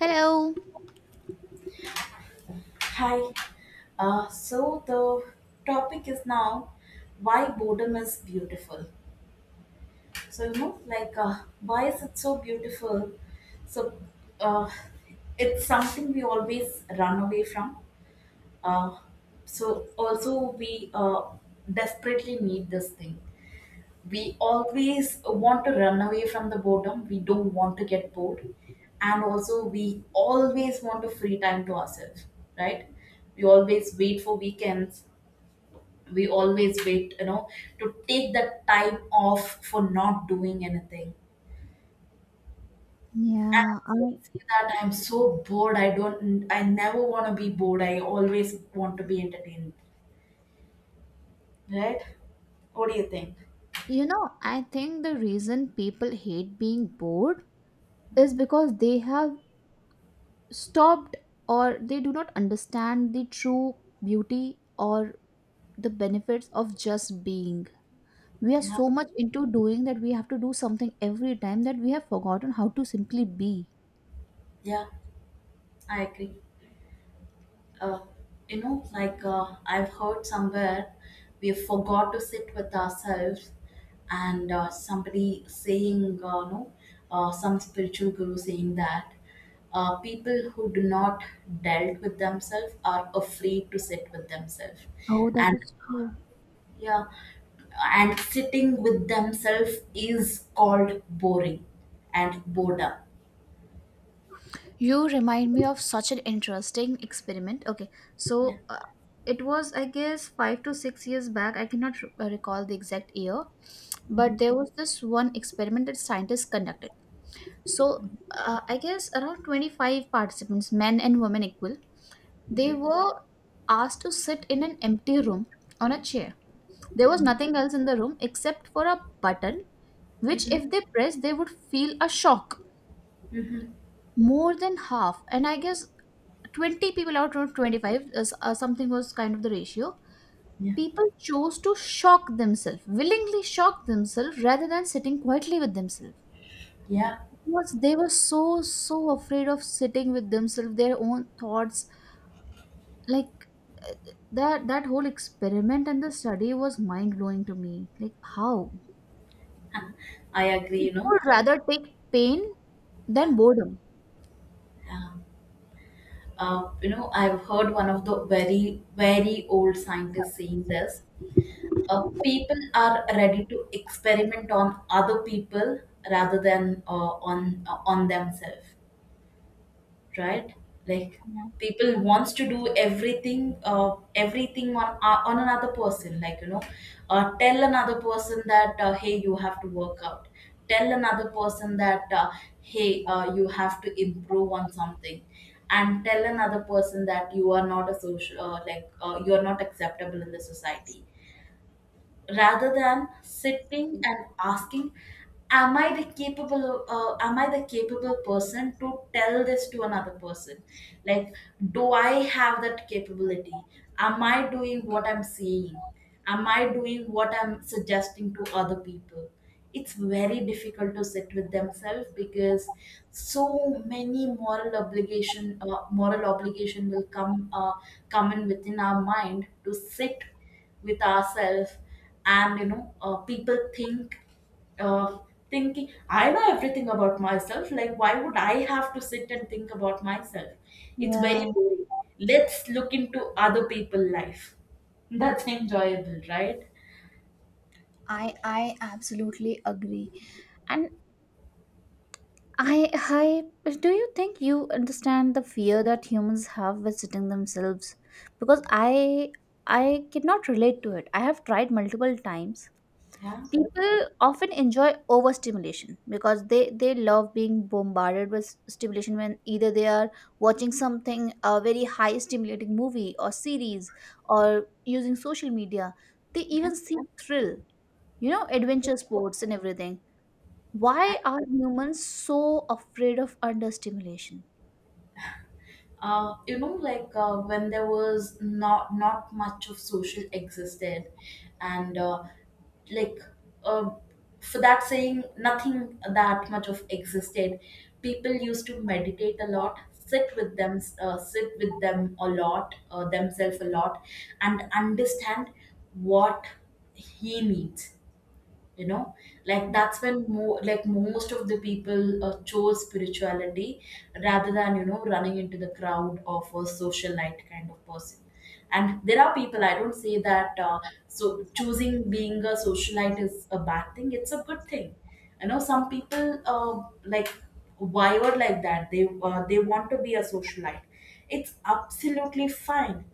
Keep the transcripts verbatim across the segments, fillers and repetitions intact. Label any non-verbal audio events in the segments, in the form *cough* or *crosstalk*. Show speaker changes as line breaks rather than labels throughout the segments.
Hello.
Hi. Uh, so the topic is now why boredom is beautiful. So you know, like uh, why is it so beautiful? So uh, it's something we always run away from. Uh, so also we uh, desperately need this thing. We always want to run away from the boredom, we don't want to get bored, and also we always want to free time to ourselves, right? We always wait for weekends, we always wait you know to take that time off for not doing anything.
Yeah,
And also
I,
we say that I'm so bored, i don't i never want to be bored, I always want to be entertained, right? What do you think?
you know, I think the reason people hate being bored is because they have stopped or they do not understand the true beauty or the benefits of just being. We are
Yeah,
so much into doing that we have to do something every time that we have forgotten how to simply be.
yeah, I agree. uh, you know, like uh, I've heard somewhere, we forgot to sit with ourselves, and uh, somebody saying, uh, no, uh, some spiritual guru saying that uh, people who do not dealt with themselves are afraid to sit with themselves,
Oh, that
and
is true.
yeah, and sitting with themselves is called boring and boredom.
You remind me of such an interesting experiment. Okay,
Yeah.
so uh, it was, I guess, five to six years back. I cannot re- uh, recall the exact year, but
Hmm.
there was this one experiment that scientists conducted. So, uh, I guess around twenty-five participants, men and women equal, they were asked to sit in an empty room on a chair. There was
Hmm.
nothing else in the room except for a button which
Hmm.
if they pressed, they would feel a shock
Hmm.
more than half, and I guess twenty people out of twenty-five is, uh, something was kind of the ratio.
Yeah.
People chose to shock themselves, willingly shock themselves, rather than sitting quietly with themselves
Yeah.
because they were so so afraid of sitting with themselves, their own thoughts. Like that that whole experiment and the study was mind blowing to me, like how
I agree, you
people
know.
would rather take pain
Yeah.
than boredom.
Um, uh, you know, I've heard one of the very, very old scientists saying this. Uh, people are ready to experiment on other people rather than uh, on uh, on themselves. Right, like people wants to do everything, uh, everything on uh, on another person, like you know, uh, tell another person that, uh, hey, you have to work out. Tell another person that, uh, hey, uh, you have to improve on something. And tell another person that you are not a social uh, like uh, you are not acceptable in the society, rather than sitting and asking, am i the capable uh, am I the capable person to tell this to another person? Like, do I have that capability? Am I doing what I'm saying? Am I doing what I'm suggesting to other people? It's very difficult to sit with themselves because so many moral obligation uh, moral obligation will come uh, come in within our mind to sit with ourselves. And you know, uh, people think, uh, thinking I know everything about myself, like why would I have to sit and think about myself? It's
Yeah,
very boring. Let's look into other people's life. *laughs* That's enjoyable, right?
I I absolutely agree. And I, I, do you think you understand the fear that humans have visiting themselves? Because I, I cannot relate to it. I have tried multiple times.
Yeah.
People often enjoy overstimulation because they they love being bombarded with stimulation when either they are watching something, a very high stimulating movie or series, or using social media. They
Yeah.
even see thrill, you know, adventure sports and everything.
I,
Why are humans so afraid of understimulation?
uh, you know, like uh, when there was not not much of social existed, and uh, like uh, for that saying nothing that much of existed, people used to meditate a lot, sit with them uh, sit with them a lot uh, themselves a lot, and understand what he needs, you know. Like that's when, more like most of the people uh, chose spirituality rather than, you know, running into the crowd of a socialite kind of person. And there are people, I don't say that, uh, so choosing being a socialite is a bad thing. It's a good thing. You know, some people uh, like wired like that, they uh, they want to be a socialite, it's absolutely fine.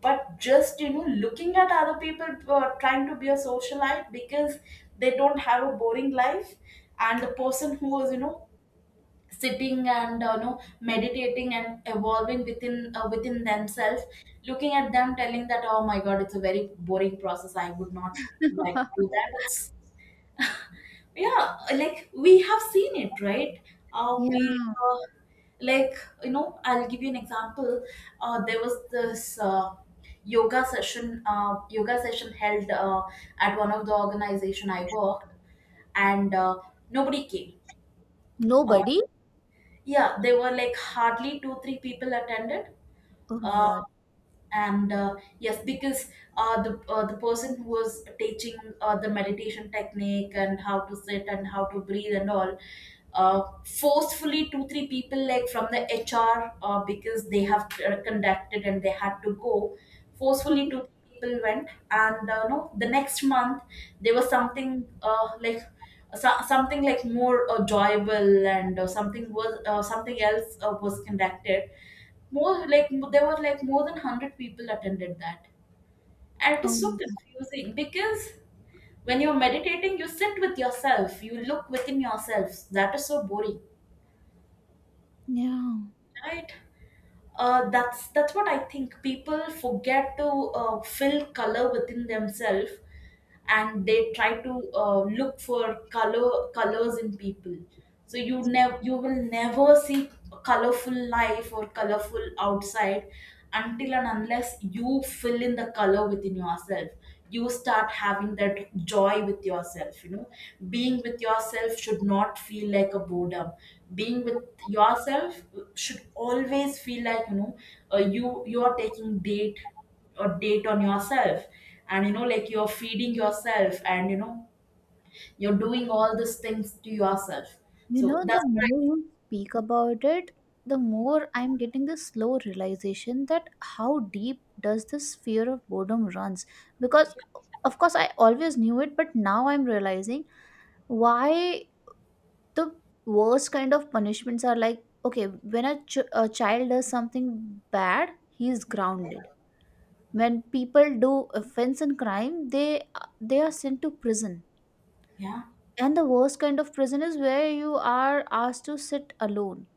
But just, you know, looking at other people uh, trying to be a socialite because they don't have a boring life. And the person who is, you know, sitting and, uh, you know, meditating and evolving within uh, within themselves, looking at them telling that, oh my god, it's a very boring process, I would not like to
*laughs*
do that. It's, yeah, like we have seen it, right? Uh, we,
Yeah.
uh, like you know, I'll give you an example. Uh, there was this uh, yoga session uh, yoga session held uh, at one of the organization I worked, and uh, nobody came. Uh,
Nobody?
yeah, there were like hardly two three people attended.
Oh my
Uh,
god.
and uh, yes, because uh, the uh, the person who was teaching, uh, the meditation technique and how to sit and how to breathe and all, uh, forcefully two three people like from the HR, uh, because they have uh, conducted and they had to go. Forcefully two three people went, and uh, no, the next month there was something, uh, like so, something like more uh, enjoyable, and uh, something was uh, something else uh, was conducted. More like m- there were like more than a hundred people attended that. And it is
Oh,
so confusing because when you're meditating, you sit with yourself, you look within yourself, that is so boring,
yeah.
right? Uh, that's that's what I think, people forget to uh, fill color within themselves, and they try to uh, look for color colors in people. So you never, you will never see a colorful life or colorful outside until and unless you fill in the color within yourself. You start having that joy with yourself. You know, being with yourself should not feel like a boredom. Being with yourself should always feel like, you know, uh, you you are taking date a date on yourself, and you know, like you're feeding yourself and, you know, you're doing all these things to yourself.
You
So
know, the
that's right.
more you speak about it, the more I'm getting this slow realization that how deep does this fear of boredom runs? Because, of course, I always knew it, but now I'm realizing why the worst kind of punishments are like, okay, when a, ch- a child does something bad, he's grounded. When people do offense and crime, they they are sent to prison,
Yeah.
and the worst kind of prison is where you are asked to sit alone.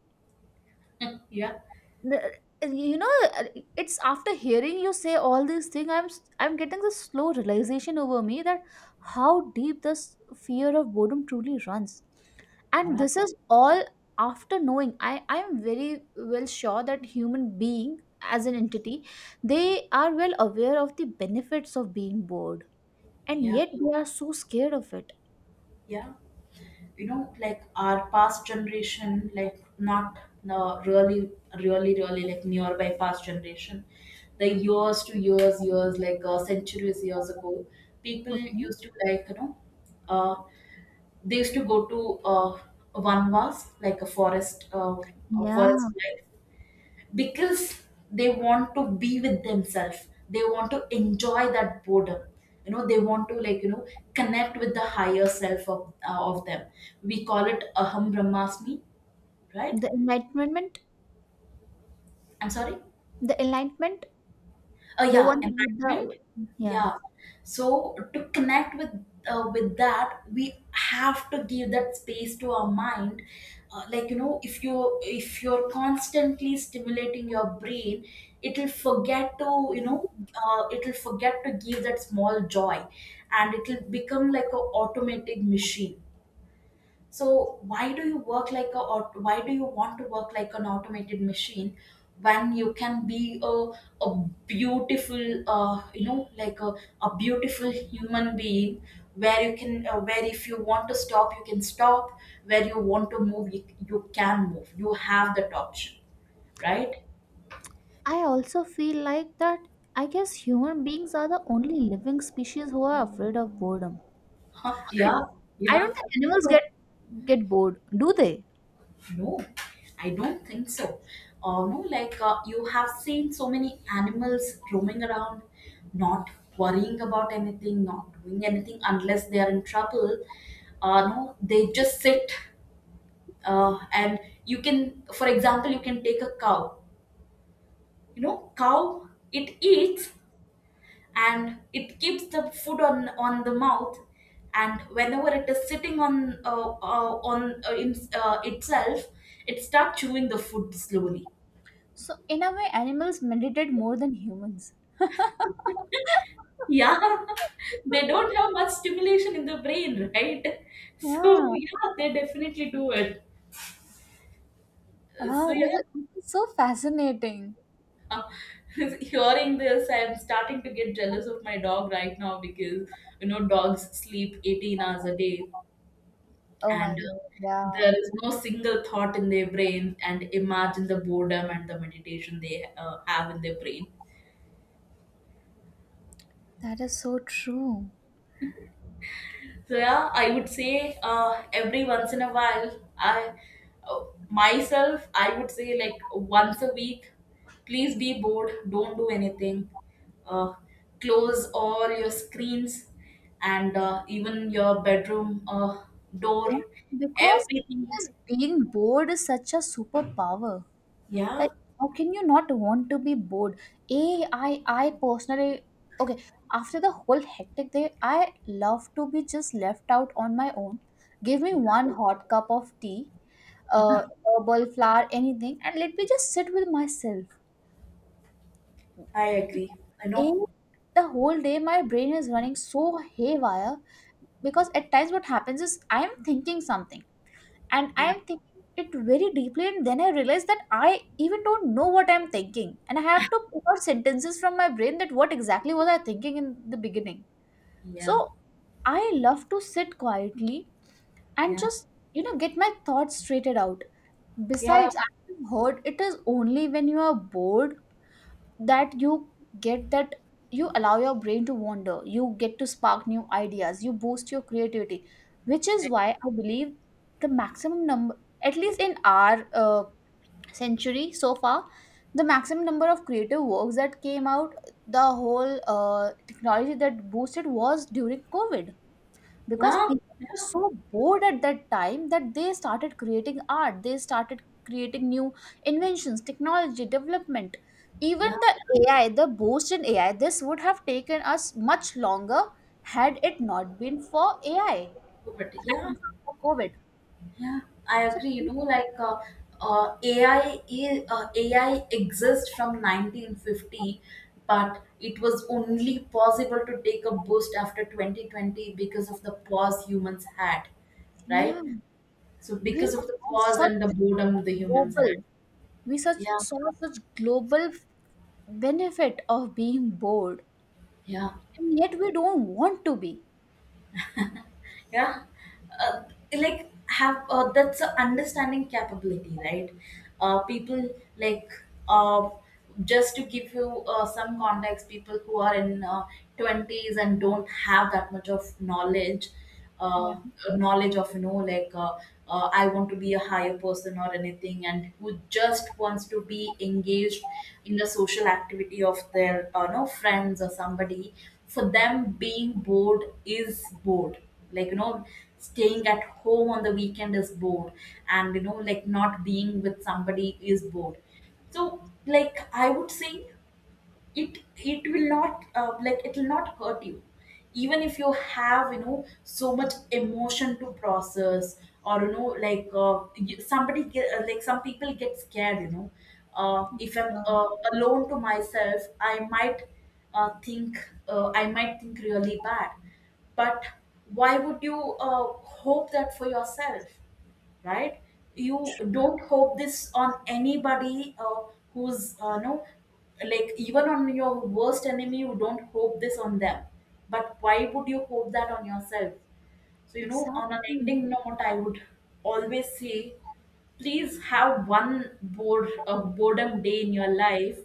*laughs* yeah,
The- you know, it's after hearing you say all these things, i'm i'm getting this slow realization over me that how deep this fear of boredom truly runs. And
yeah,
this is all after knowing i i am very well sure that human being, as an entity, they are well aware of the benefits of being bored, and
yeah,
yet they are so scared of it.
yeah. You know, like our past generation, like not no, really really really like nearby past generation, the years to years years, like uh, centuries years ago, people
Okay.
used to, like you know, uh, they used to go to uh, vanvas, like a forest, uh, a
Yeah,
forest life, because they want to be with themselves. They want to enjoy that boredom. You know, they want to, like you know, connect with the higher self of uh, of them. We call it aham brahmasmi, right?
the enlightenment,
I'm sorry.
the enlightenment,
Uh,
the
yeah,
one with
environment.
the yeah.
Yeah, so to connect with uh, with that, we have to give that space to our mind. Uh, like you know, if you, if you're constantly stimulating your brain, it'll forget to, you know, uh, it'll forget to give that small joy, and it'll become like a automatic machine. So why do you work like a, or why do you want to work like an automated machine, when you can be a, a beautiful, uh, you know, like a, a beautiful human being, where you can uh, where if you want to stop, you can stop, where you want to move, you, you can move, you have that option, right?
I also feel like that. I guess human beings are the only living species who are afraid of boredom.
Huh?
I don't,
Yeah.
I
Yeah,
don't
I
think
think
animals
so.
get get bored, do they?
No, I don't think so. Uh, no, like uh, you have seen so many animals roaming around, not worrying about anything, not doing anything unless they are in trouble. Uh, no, they just sit. Uh, and you can, for example, you can take a cow. You know, cow, it eats and it keeps the food on on the mouth, and whenever it is sitting on uh, uh, on uh, in, uh, itself, it starts chewing the food slowly.
So, in a way, animals meditate more than humans. *laughs*
Yeah, *laughs* they don't have much stimulation in the brain, right? So,
Yeah.
yeah, they definitely do it. So,
Wow,
yeah,
this is, this is so fascinating.
*laughs* hearing this, I'm starting to get jealous of my dog right now because, you know, dogs sleep eighteen hours a day,
Oh
and
my God, yeah.
there is no single thought in their brain. And imagine the boredom and the meditation they uh, have in their brain.
That is so true.
So yeah, I would say, uh, every once in a while, I, uh, myself, I would say, like once a week, please be bored, don't do anything, uh, close all your screens, and uh, even your bedroom uh, door,
Yeah, because
everything.
just being bored is such a superpower.
Yeah,
Like, how can you not want to be bored? A, I, I personally, okay, after the whole hectic day, I love to be just left out on my own. Give me
yeah,
one hot cup of tea, uh, herbal flower, anything, and let me just sit with myself.
I agree. I know.
In the whole day my brain is running so haywire because at times what happens is I'm thinking something. And I
Yeah,
am thinking it very deeply, and then I realize that I even don't know what I'm thinking, and I have to pick out sentences from my brain, that what exactly was I thinking in the beginning. So
yeah,
I love to sit quietly and
yeah,
just, you know, get my thoughts straightened out.
yeah,
Besides, I've heard it is only when you are bored that you get that, you allow your brain to wander, you get to spark new ideas, you boost your creativity, which is why I believe the maximum number, at least in our uh, century so far, the maximum number of creative works that came out, the whole uh, technology that boosted was during covid, because
yeah,
people were
yeah,
so bored at that time that they started creating art, they started creating new inventions, technology development.
yeah.
Even the ai, the boost in ai, this would have taken us much longer had it not been for ai I
But yeah.
mean, for covid.
Yeah, I
So
agree. You know, like uh, uh, A I is, uh, A I exists from nineteen fifty, but it was only possible to take a boost after twenty twenty because of the pause humans had, right?
yeah,
So
we
because of the
saw
pause
such
and the boredom the humans had.
global, we such
Yeah,
saw such global benefit of being bored,
yeah.
and yet we don't want to be.
Yeah. Uh, like have, uh, that's a understanding capability, right? Uh, people, like, uh, just to give you uh, some context, people who are in, uh, twenties and don't have that much of knowledge,
Yeah,
uh, knowledge of, you know, like uh, uh, I want to be a higher person or anything, and who just wants to be engaged in the social activity of their uh, no friends or somebody, for them being bored is bored. Like you know, staying at home on the weekend is bored, and you know, like not being with somebody is bored. So, like I would say, it it will not, uh, like it will not hurt you, even if you have, you know, so much emotion to process, or you know, like uh, you- somebody get, uh, like some people get scared, you know, uh, if I'm,
yeah,
uh, alone to myself, I might, uh, think, uh, I might think really bad. But why would you, uh, hope that for yourself, right? You don't hope this on anybody, uh, who's, uh, no, like even on your worst enemy, you don't hope this on them. But why would you hope that on yourself? So you know, on an
exactly.
ending note, I would always say, please have one bored, uh, boredom day in your life,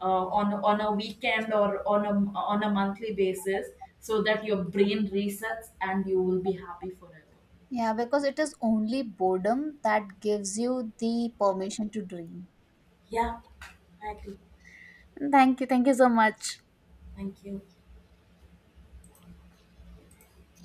uh, on on a weekend, or on a, on a monthly basis, so that your brain resets and you will be happy forever.
Yeah, because it is only boredom that gives you the permission to dream.
Yeah, I agree.
Thank you. Thank you so much.
Thank you.